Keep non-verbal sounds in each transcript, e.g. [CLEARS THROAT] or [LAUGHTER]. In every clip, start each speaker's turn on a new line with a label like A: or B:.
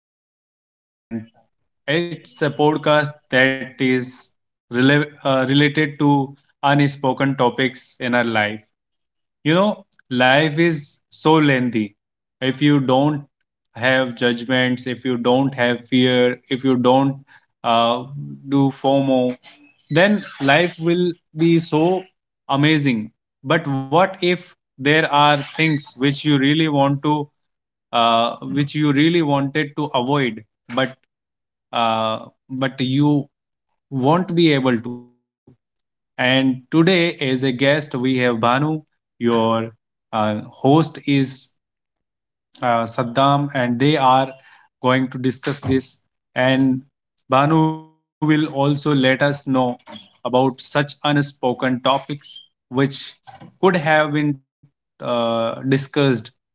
A: everyone, and it's a podcast that is related to unspoken topics in our life. You know, life is so lengthy. If you don't have judgments, if you don't have fear, if you don't uh, do fomo, then life will be so amazing. But what if there are things which you really want to which you really wanted to avoid, but but you won't be able to? And today, as a guest, we have Banu. Your host is Saddam, and they are going to discuss this. And Banu will also let us know about such unspoken topics which could have been discussed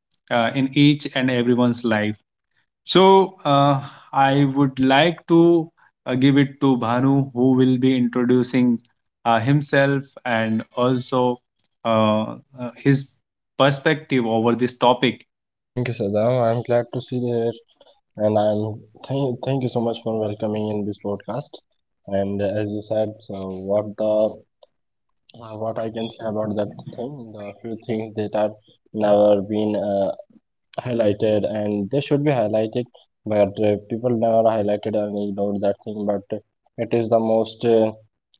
A: in each and everyone's life. So I would like to give it to Bhanu, who will be introducing himself and also his perspective over this topic.
B: Thank you, Sadam. I'm glad to see you here, and I'm thank thank you so much for welcoming in this podcast. And as you said, what the what I can say about that thing, the few things that have never been highlighted and they should be highlighted but people never highlighted and ignored that thing but it is the most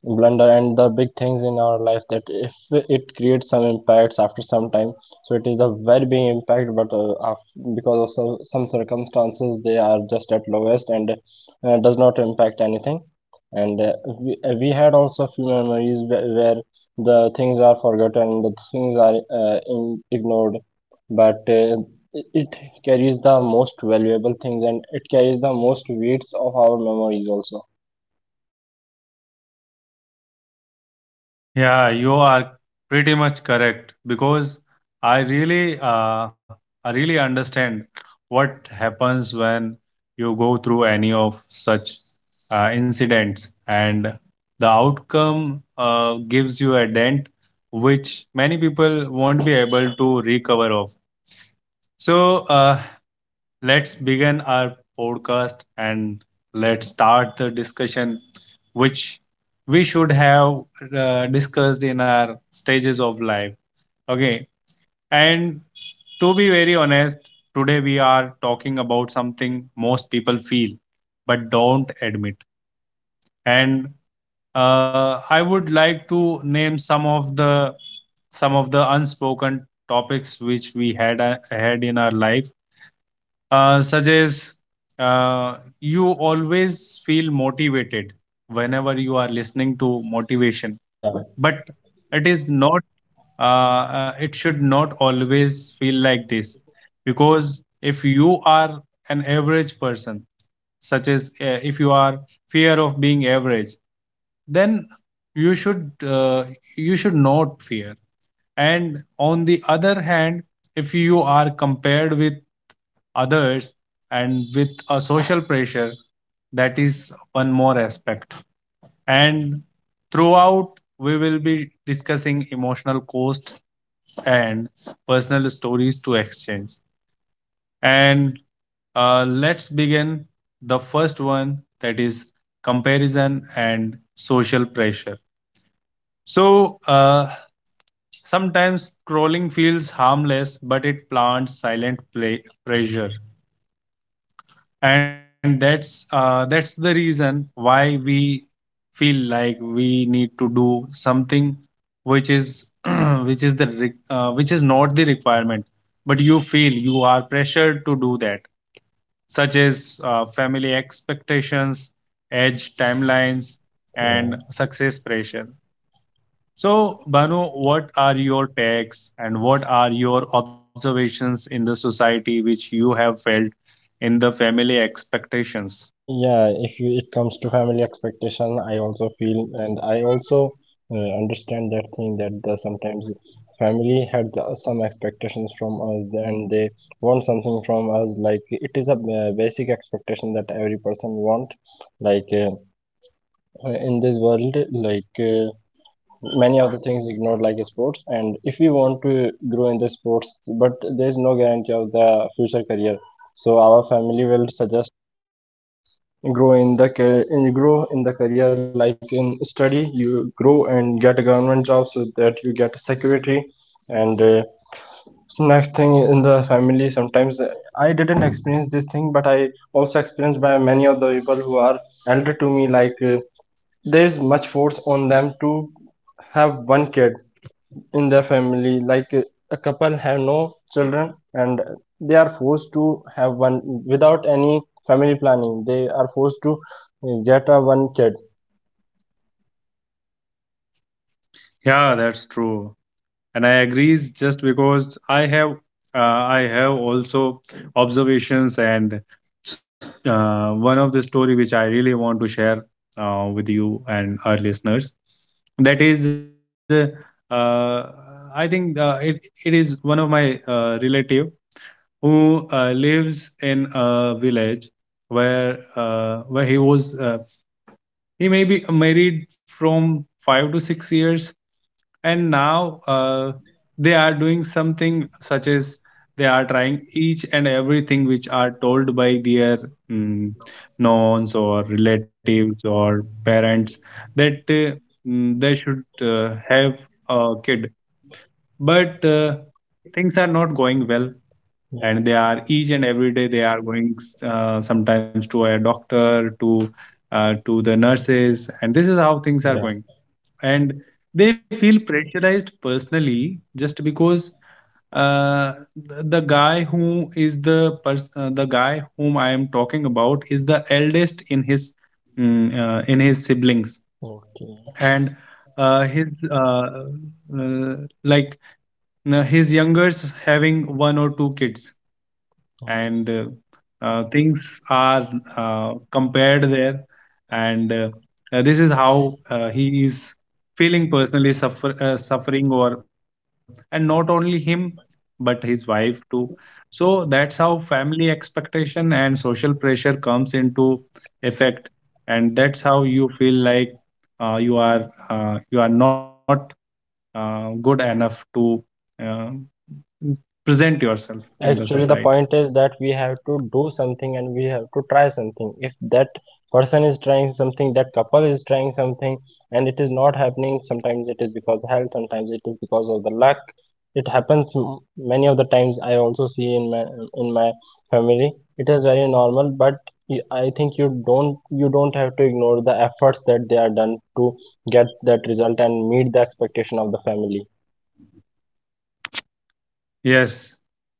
B: blunder and the big things in our life that if it creates some impacts after some time, so it is a very big impact but because of some circumstances they are just at lowest and does not impact anything. And uh, we, uh, we had also few memories where the things are forgotten, the things are ignored, but it carries the most valuable things and it carries the most weights of our memories also.
A: Yeah, you are pretty much correct because I really, uh, I really understand what happens when you go through any of such incidents, and the outcome gives you a dent which many people won't be able to recover of. So, let's begin our podcast and let's start the discussion, which we should have discussed in our stages of life. Okay. And to be very honest, today we are talking about something most people feel but don't admit. And I would like to name some of the unspoken topics which we had in our life, such as you always feel motivated whenever you are listening to motivation.
B: Yeah.
A: But it is not it should not always feel like this, because if you are an average person, such as if you are fear of being average, then you should uh, you should not fear. And on the other hand, if you are compared with others and with a social pressure, that is one more aspect. And throughout, we will be discussing emotional cost and personal stories to exchange. And let's begin the first one, that is comparison and social pressure. So sometimes scrolling feels harmless, but it plants silent pressure. And that's the reason why we feel like we need to do something which is [CLEARS THROAT] which is the which is not the requirement, but you feel you are pressured to do that, such as family expectations, age timelines, and
B: yeah
A: success pressure. So Banu, what are your takes and what are your observations in the society which you have felt in the family expectations?
B: yeah if you, it comes to family expectation, I also feel and I also understand that thing, that the sometimes family had the, some expectations from us and they want something from us, like it is a basic expectation that every person want. like uh, in this world, many of the things ignored like sports, and if we want to grow in the sports but there is no guarantee of the future career, so our family will suggest grow in the ca- in grow in the career, like in study you grow and get a government job so that you get a security. And So next thing in the family sometimes I didn't experience this thing, but I also experienced by many of the people who are elder to me. There is much force on them to have one kid in their family. A couple have no children, and they are forced to have one without any family planning. They are forced to get a one kid.
A: Yeah, that's true, and I agree. Just because I have also observations, and one of the story which I really want to share with you and our listeners. That is, uh, I think it it is one of my relative who lives in a village where he was he may be married from 5 to 6 years. And now they are doing something such as they are trying each and everything which are told by their mm, nons or relatives or parents, that they should have a kid, but things are not going well.
B: Yeah,
A: And they are each and every day they are going sometimes to a doctor, to the nurses, and this is how things are
B: yeah.
A: going. And they feel pressurized personally, just because uh, the guy who is the the guy whom I am talking about is the eldest in his in his siblings.
B: Okay.
A: And his uh, like his youngers having one or two kids. And things are compared there. And this is how he is feeling personally suffering. Or and not only him, but his wife too. So that's how family expectation and social pressure comes into effect. And that's how you feel like you are not good enough to uh, present yourself in the
B: Actually, the
A: society.
B: point is that we have to do something and we have to try something. If that person is trying something, that couple is trying something, and it is not happening, sometimes it is because of health, sometimes it is because of the luck. It happens many of the times. I also see in my family. It is very normal, but I think you don't have to ignore the efforts that they are done to get that result and meet the expectation of the family.
A: Yes,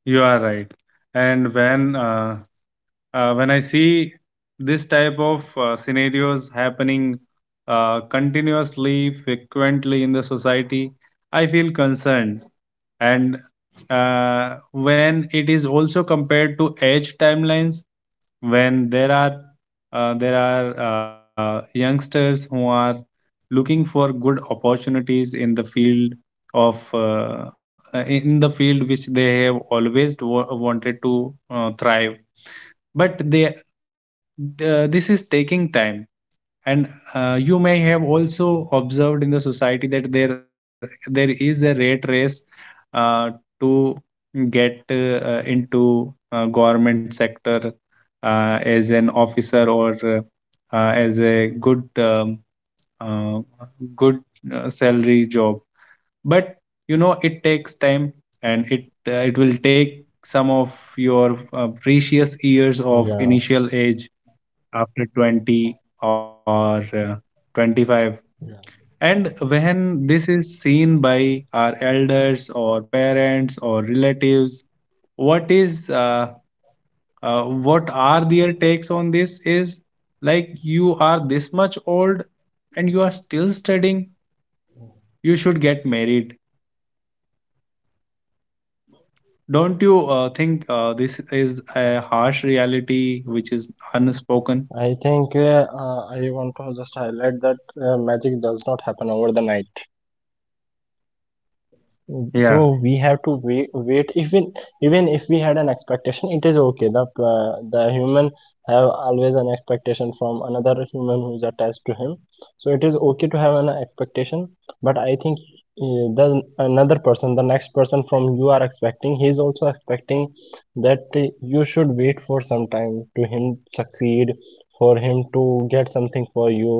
A: you are right. And when I see this type of scenarios happening continuously, frequently in the society, I feel concerned. And when it is also compared to age timelines, when there are youngsters who are looking for good opportunities in the field of in the field which they have always wanted to thrive, but they this is taking time. And you may have also observed in the society that there is a rat race uh, to get into government sector, as an officer, or as a good uh, good salary job. But you know, it takes time, and it it will take some of your precious years of
B: Yeah,
A: initial age, after 20 or 25. And when this is seen by our elders or parents or relatives, what is what are their takes on this is like, you are this much old and you are still studying, you should get married. Don't you think this is a harsh reality which is unspoken?
B: I think I want to just highlight that magic does not happen over the night.
A: Yeah.
B: So we have to wait. Wait, even even if we had an expectation, it is okay. The human have always an expectation from another human who is attached to him. So it is okay to have an expectation. But I think the another person, the next person from you are expecting, he is also expecting that you should wait for some time to him succeed, for him to get something for you,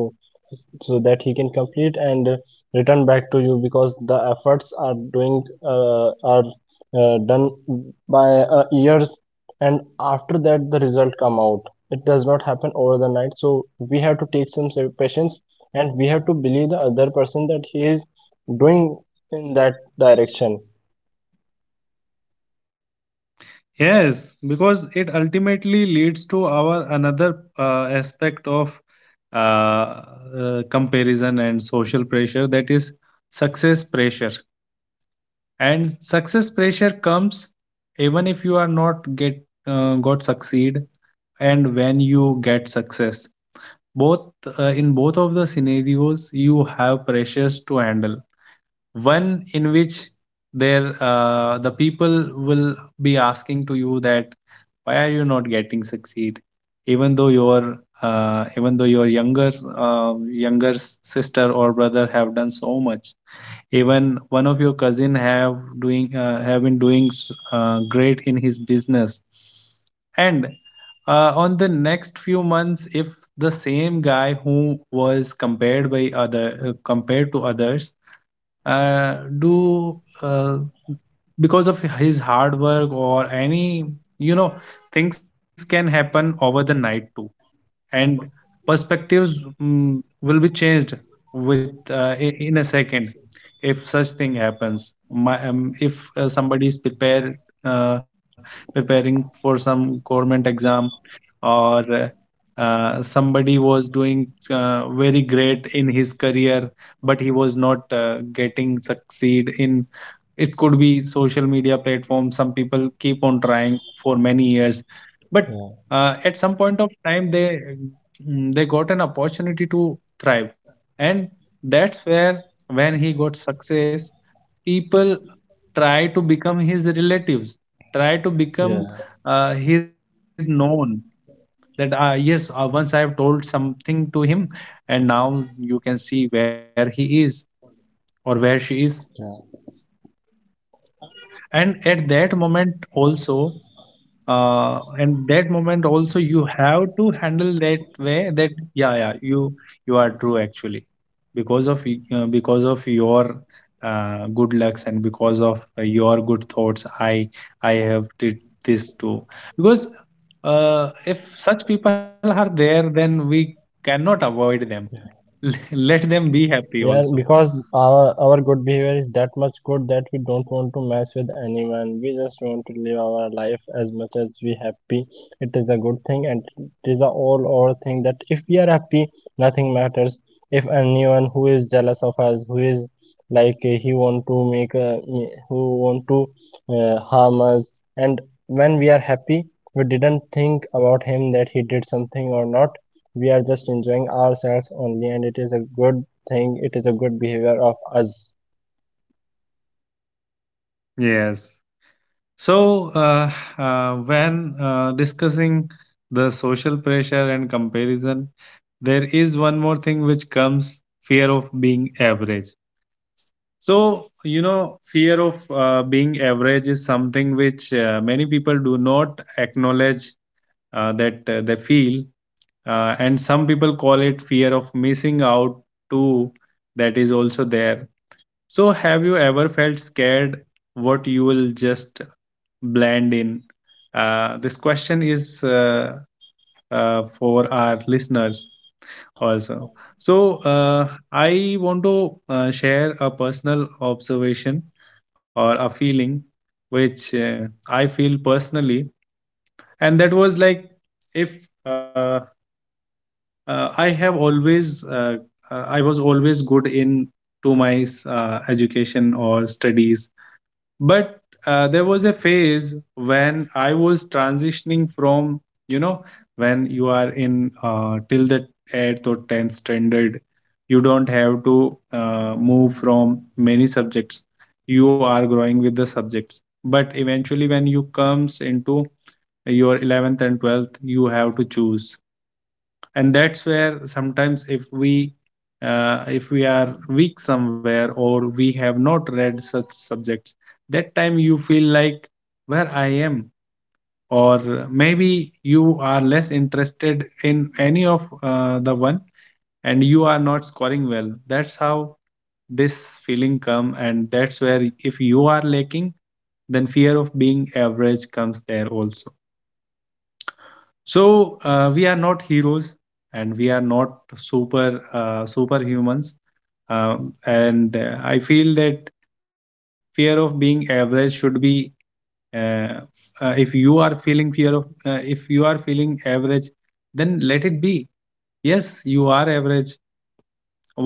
B: so that he can complete and return back to you, because the efforts are done by years, and after that the result come out. It does not happen over the night, so we have to take some patience, and we have to believe the other person that he is doing in that direction.
A: Yes, because it ultimately leads to our another aspect of uh, comparison and social pressure, that is success pressure. And success pressure comes even if you are not get got succeed, and when you get success. Both in both of the scenarios, you have pressures to handle. One in which there the people will be asking to you that why are you not getting succeed, even though your younger sister or brother have done so much. Even one of your cousin have doing have been doing great in his business. And on the next few months, if the same guy who was compared to others do because of his hard work or any, you know, things can happen over the night too. And perspectives will be changed with in a second, if such thing happens. My, if somebody is prepared uh, preparing for some government exam, or somebody was doing very great in his career, but he was not getting succeed in, it could be social media platform. Some people keep on trying for many years,
B: Yeah,
A: but at some point of time they they got an opportunity to thrive. And that's where, when he got success, people try to become his relatives, try to
B: yeah,
A: become his known, that yes, once I have told something to him, and now you can see where he is or where she is.
B: yeah.
A: And at that moment also, and that moment also you have to handle that way, that yeah, yeah, you are true actually. Because of because of your good lucks, and because of your good thoughts, I have did this too. Because if such people are there, then we cannot avoid them. [LAUGHS] Let them be happy
B: Yeah,
A: also.
B: because our good behavior is that much good that we don't want to mess with anyone. We just want to live our life as much as we happy. It is a good thing, and it is a all over thing that if we are happy, nothing matters. If anyone who is jealous of us, who is he want to who want to harm us, and when we are happy, we didn't think about him that he did something or not. We are just enjoying ourselves only, and it is a good think, it is a good behavior of us.
A: Yes. So, when discussing the social pressure and comparison, there is one more thing which comes, fear of being average. So, you know, fear of being average is something which many people do not acknowledge, that they feel, and some people call it fear of missing out too. That is also there. So, have you ever felt scared what you will just blend in? This question is for our listeners also. So I want to share a personal observation or a feeling which I feel personally, and that was like if I have always I was always good in to my education or studies but there was a phase when I was transitioning from you know when you are in till the 8th or 10th standard. You don't have to move from many subjects, you are growing with the subjects, but eventually when you comes into your 11th and 12th you have to choose. And that's where sometimes if we are weak somewhere or we have not read such subjects, that time you feel like where I am, or maybe you are less interested in any of the one and you are not scoring well. That's how this feeling come, and that's where if you are lacking then fear of being average comes there also. So we are not heroes, and we are not superhumans. And I feel that fear of being average should be uh, if you are feeling fear of if you are feeling average then let it be. Yes, you are average.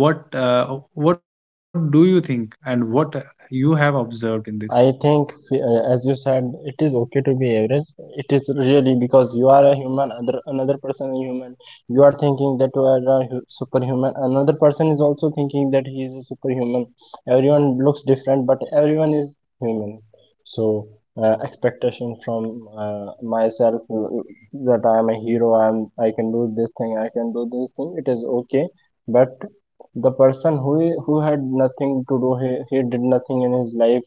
A: What what do you think and what you have observed in this?
B: I think, as you said, it is okay to be average. It is really, because you are a human, other another person is human. You are thinking that you are a superhuman. Another person is also thinking that he is a superhuman. Everyone looks different, but everyone is human. So expectation from myself, that I am a hero. I am. I can do this thing. I can do this thing. It is okay, but the person who had nothing to do. He did nothing in his life,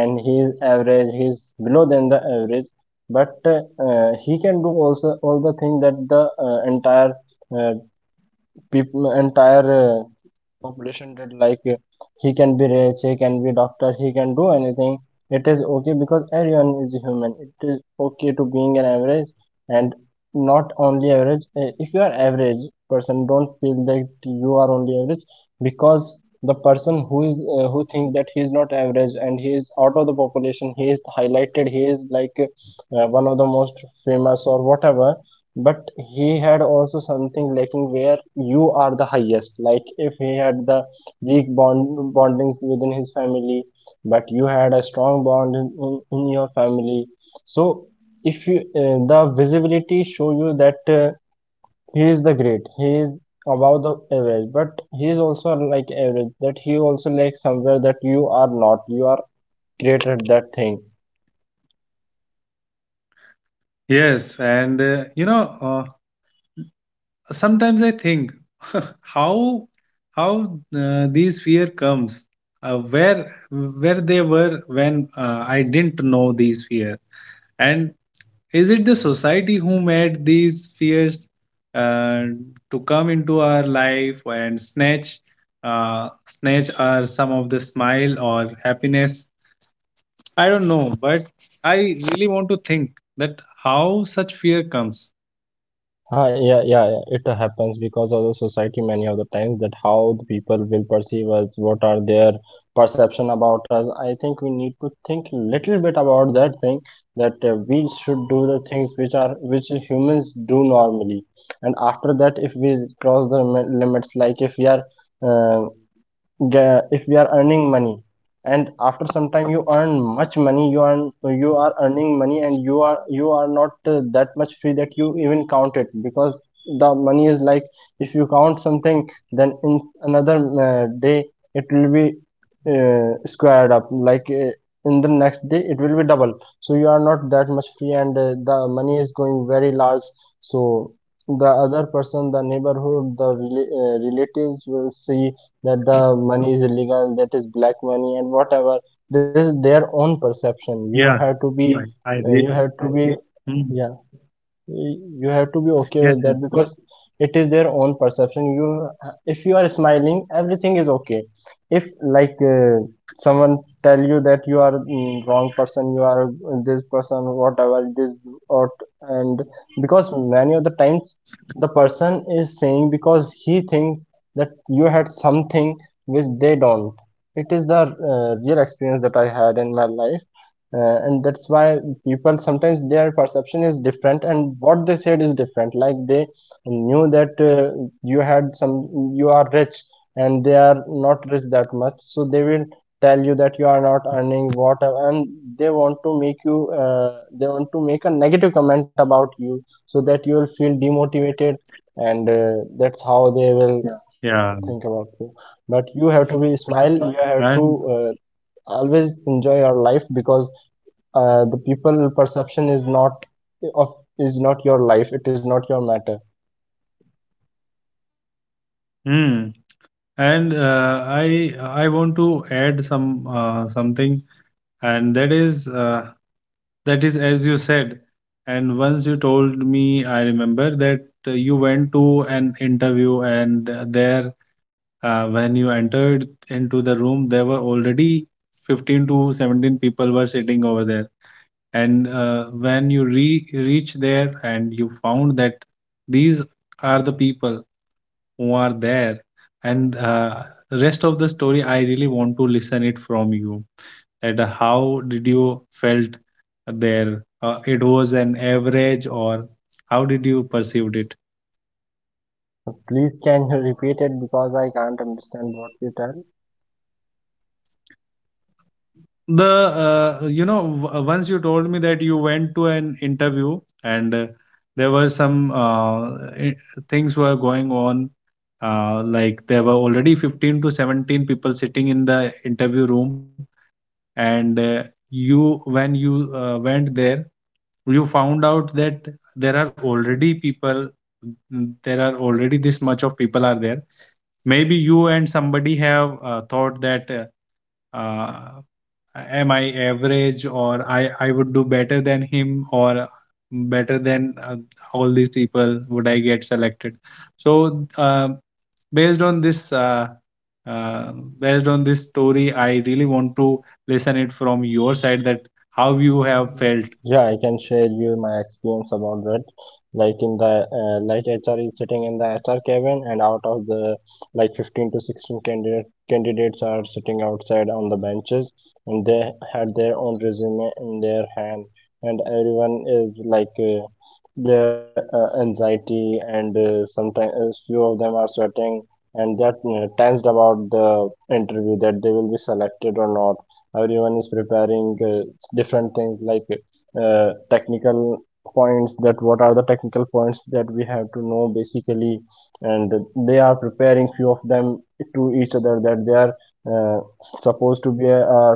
B: and his average, he's below than the average, but he can do also all the thing that the entire uh, people, entire population, that he can be rich, he can be doctor, he can do anything. It is okay because everyone is human. It is okay to being an average. And not only average. If you are average person, don't feel that you are only average, because the person who is who thinks that he is not average and he is out of the population, he is highlighted, he is one of the most famous or whatever. But he had also something lacking where you are the highest, like if he had the weak bondings within his family, but you had a strong bond in your family. So if you, the visibility show you that he is the great, he is above the average, but he is also like average, that he also lacks somewhere that you are not, you are great at that thing.
A: Yes, and you know, sometimes I think [LAUGHS] how how these fear comes, where they were when I didn't know these fear. And is it the society who made these fears, uh, to come into our life and snatch snatch our some of the smile or happiness? I don't know, but I really want to think that how such fear comes.
B: Yeah, yeah, yeah, it happens because of the society many of the times, that how the people will perceive us, what are their perception about us. I think we need to think little bit about that thing, that we should do the things which are which humans do normally, and after that, if we cross the limits, like uh, if we are earning money, and after some time you earn much money, you earn, so you are earning money and you are not that much free that you even count it, because the money is like if you count something, then in another day it will be squared up, in the next day it will be double. So you are not that much free, and the money is going very large. So the other person, the neighborhood, the relatives will see that the money is illegal, that is black money, and whatever. This is their own perception. You have to
A: Yeah,
B: be,
A: I,
B: you have
A: I
B: to
A: re-
B: be, yeah,
A: hmm.
B: y- you have to be okay with that, because
A: Yes, yes.
B: it is their own perception. You, if you are smiling, everything is okay. If someone tell you that you are wrong person, you are this person, whatever this, or, and because many of the times the person is saying because he thinks that you had something which they don't. It is the real experience that I had in my life, and that's why people sometimes their perception is different and what they said is different, like they knew that you had some, you are rich, and they are not rich that much, so they will tell you that you are not earning whatever, and they want to make you, they want to make a negative comment about you so that you will feel demotivated, and that's how they will, yeah,
A: Yeah,
B: think about you. But you have to be smile, you have to
A: and
B: uh, always enjoy your life, because the people perception is not of, is not your life, it is not your matter.
A: mm, and I want to add some something, and that is as you said, and once you told me, I remember that you went to an interview, and there when you entered into the room, there were already 15 to 17 people were sitting over there, and when you re reach there and you found that these are the people who are there. And rest of the story I really want to listen it from you, that how did you felt there, it was an average or how did you perceived it?
B: Please can you repeat it because I can't understand what you tell.
A: The you know once you told me that you went to an interview, and there were some i- things were going on, like there were already 15 to 17 people sitting in the interview room, and you when you went there, you found out that there are already people, there are already this much of people are there. Maybe you and somebody have thought that uh, am I average, or i would do better than him, or better than all these people? Would I get selected? So based on this uh, uh, based on this story I really want to listen it from your side, that how you have felt.
B: Yeah, I can share you my experience about that. Like in the like HR is sitting in the HR cabin, and out of the like 15 to 16 candidates are sitting outside on the benches, and they had their own resume in their hand, and everyone is like their anxiety, and sometimes few of them are sweating, and they're tensed about the interview that they will be selected or not. Everyone is preparing different things like technical points, that what are the technical points that we have to know basically. And they are preparing few of them to each other, that they are uh, supposed to be a,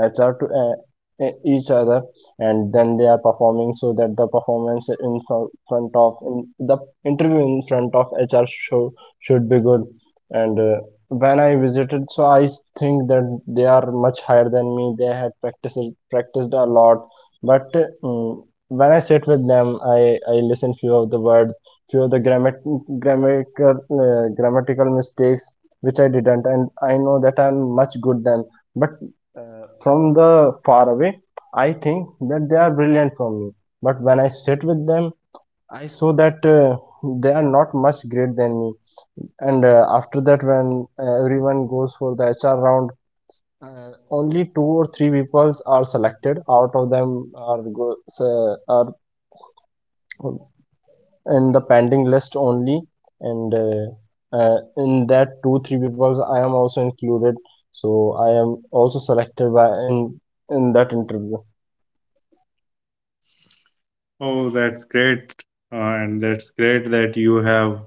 B: HR to each other, and then they are performing so that the performance in the interview in front of HR show should be good. And when I visited, so I think that they are much higher than me. They had practiced a lot, but mm, when I sit with them, I listen few of the words, few of the grammatical grammatical mistakes, which I didn't, and I know that I'm much good than. But uh, from the far away, I think that they are brilliant from me. But when I sit with them, I saw that they are not much great than me. And after that, when everyone goes for the HR round, only two or three people are selected out of them, are in the pending list only. And in that two three people I am also included, so I am also selected by in in that interview.
A: Oh, that's great, uh, and that's great that you have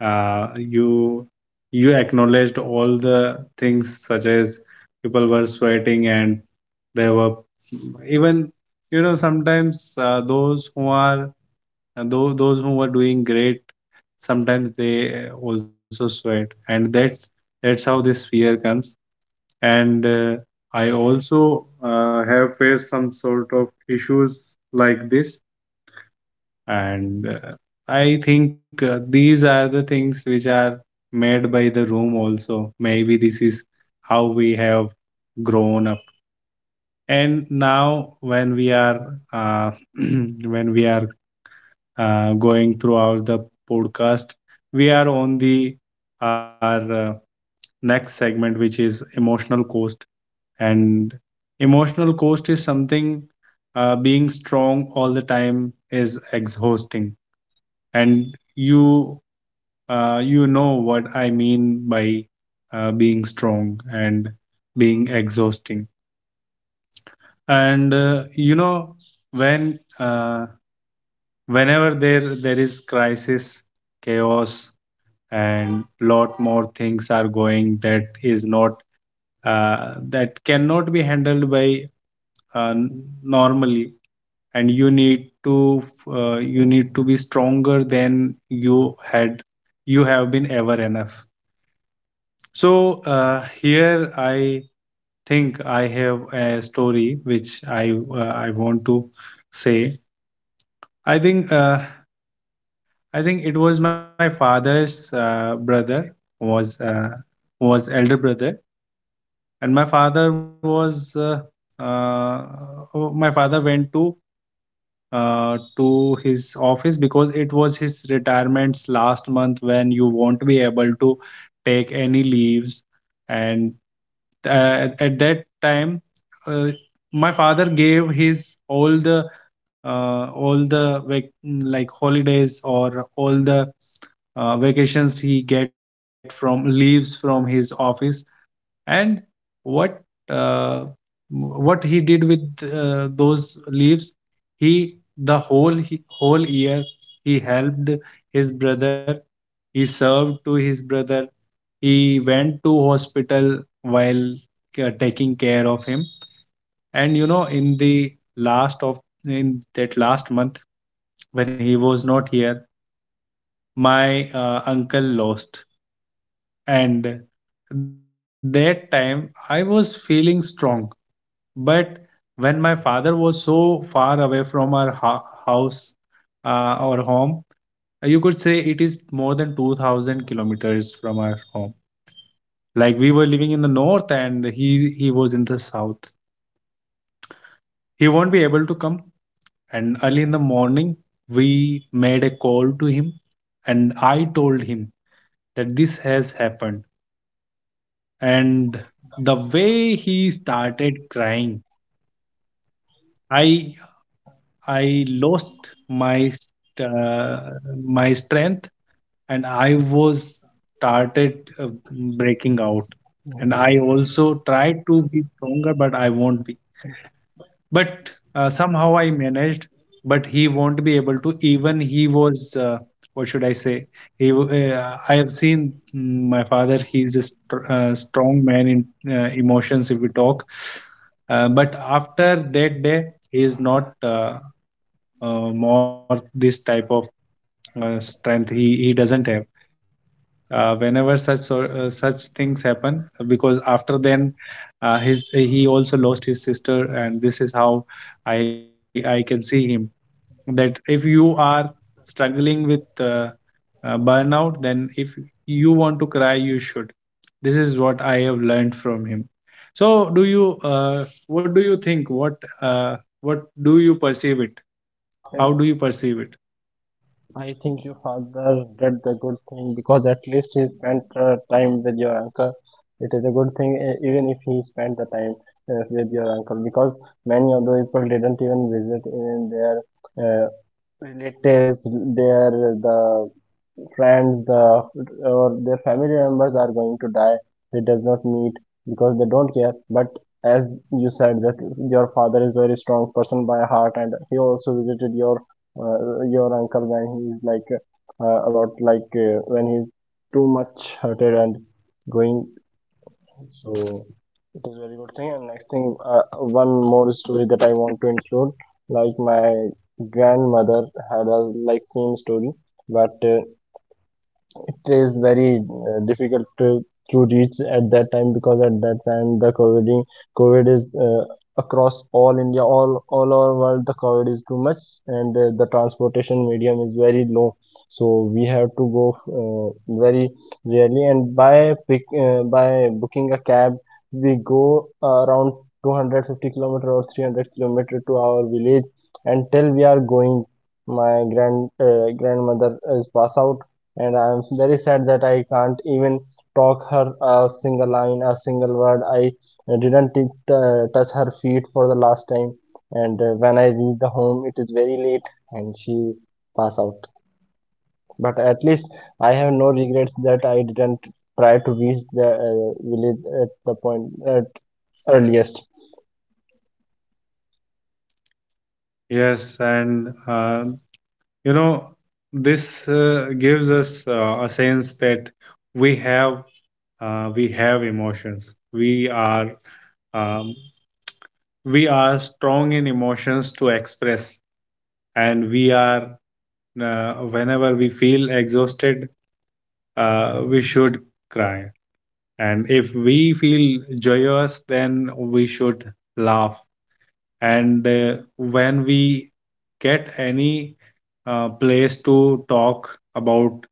A: uh, you you acknowledged all the things, such as people were sweating and there were, even you know, sometimes those who were doing great, sometimes they also sweat, and that's how this fear comes. And I also have faced some sort of issues like this, and I think these are the things which are made by the room also. Maybe this is how we have grown up. And now when we are [CLEARS THROAT] when we are going throughout the podcast, we are on the our next segment which is emotional cost. And emotional cost is something, being strong all the time is exhausting. And you you know what I mean by being strong and being exhausting. And you know, when whenever there is crisis, chaos, and lot more things are going, that is not that cannot be handled normally, and you need to be stronger than you had you have been ever enough. So here I think I have a story which I want to say. I think uh, I think it was my father's brother was uh, was elder brother, and my father was uh, my father went to his office because it was his retirement's last month when you won't be able to take any leaves. And at that time uh, my father gave his all the like holidays, or all the vacations he get from leaves from his office. And what uh, what he did with those leaves, he the whole he, whole year he helped his brother, he served to his brother, he went to hospital while taking care of him. And you know, in the last of in that last month when he was not here, my uncle lost. And that time I was feeling strong, but when my father was so far away from our house, our home, you could say it is more than 2,000 kilometers from our home, like we were living in the north and he was in the south. He won't be able to come. And early in the morning, we made a call to him and I told him that this has happened. And the way he started crying, I I lost my uh, my strength and I was started breaking out. And I also tried to be stronger, but I won't be. But somehow I managed. But he won't be able to. Even he was, what should I say? I have seen my father. He's a strong man in emotions. If we talk, but after that day, he is not more this type of strength. He doesn't have whenever such such things happen, because after then his he also lost his sister. And this is how i i can see him, that if you are struggling with burnout, then if you want to cry you should. This is what I have learned from him. So do you what do you think, what do you perceive it, how do you perceive it?
B: I think your father did the good thing, because at least he spent time with your uncle. It is a good thing, even if he spent the time with your uncle, because many of the people didn't even visit in their uh, relatives, the friends or their family members are going to die, they does not meet because they don't care. But as you said that your father is a very strong person by heart, and he also visited your uncle when he is like, about, like, when he's too much hurted and going. So it is very good thing. And next thing, one more story that I want to include. Like my grandmother had a like same story, but it is very difficult to reach at that time, because at that time the COVID is across all India, all over world. The COVID is too much, and the transportation medium is very low. So we have to go very rarely, and by booking a cab we go around 250 kilometer or 300 kilometer to our village. Until we are going, my grandmother is pass out, and I'm very sad that I can't even talk her a single line, a single word. I didn't touch her feet for the last time, and when I reach the home, it is very late, and she pass out. But at least I have no regrets that I didn't try to reach the village at the point at earliest.
A: Yes, and you know, this gives us a sense that we have we have emotions, um, we are strong in emotions to express. And we are whenever we feel exhausted we should cry, and if we feel joyous then we should laugh. And when we get any place to talk about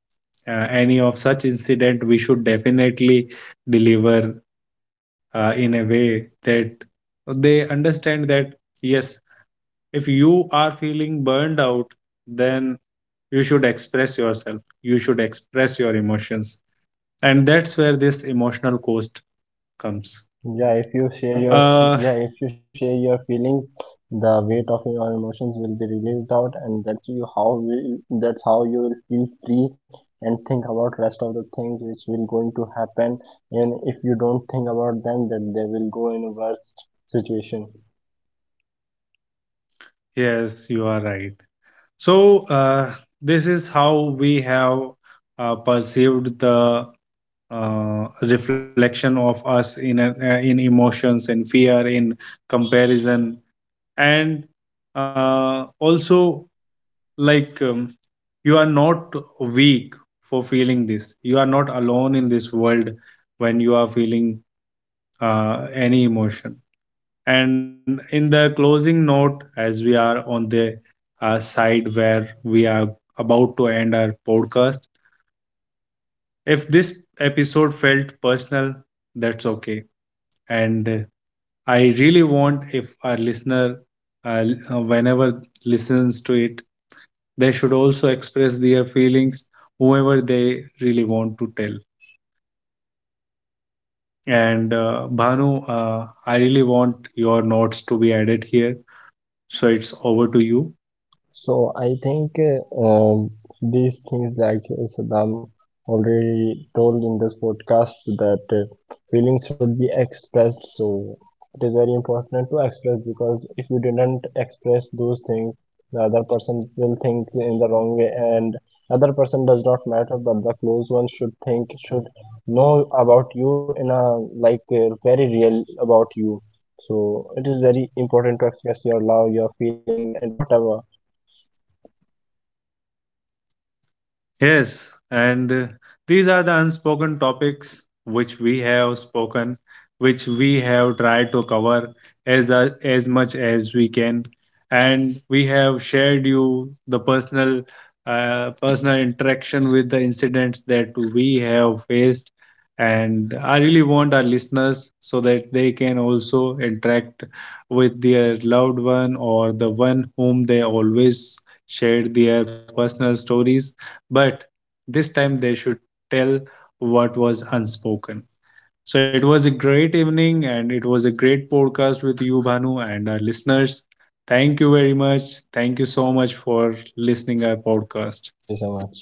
A: any of such incident, we should definitely deliver in a way that they understand, that yes, if you are feeling burned out then you should express yourself, you should express your emotions. And that's where this emotional cost comes.
B: Yeah, if you share your
A: uh
B: yeah, if you share your feelings, the weight of your emotions will be released out, and that's how you will feel free, and think about rest of the things which will going to happen. And if you don't think about them, then they will go in a worse situation.
A: yes, you are right. So this is how we have perceived the reflection of us in a, in emotions, in fear, in comparison. And also like, you are not weak for feeling this, you are not alone in this world when you are feeling any emotion. And in the closing note, as we are on the side where we are about to end our podcast, if this episode felt personal, that's okay. And I really want if our listener, whenever listens to it, they should also express their feelings, whoever they really want to tell. And Bhanu, I really want your notes to be added here. So it's over to you.
B: So I think these things, like that Saddam already told in this podcast, that feelings should be expressed. So it is very important to express, because if you didn't express those things, the other person will think in the wrong way, and other person does not matter, but the close one should know about you in a like very real about you. So it is very important to express your love, your feeling, and whatever.
A: Yes, and these are the unspoken topics which we have spoken, which we have tried to cover as a, as much as we can, and we have shared you the personal personal interaction with the incidents that we have faced. And I really want our listeners so that they can also interact with their loved one or the one whom they always share their personal stories, but this time they should tell what was unspoken. So it was a great evening and it was a great podcast with you, Bhanu, and our listeners. Thank you very much. Thank you so much for listening our podcast.
B: Thank you so much.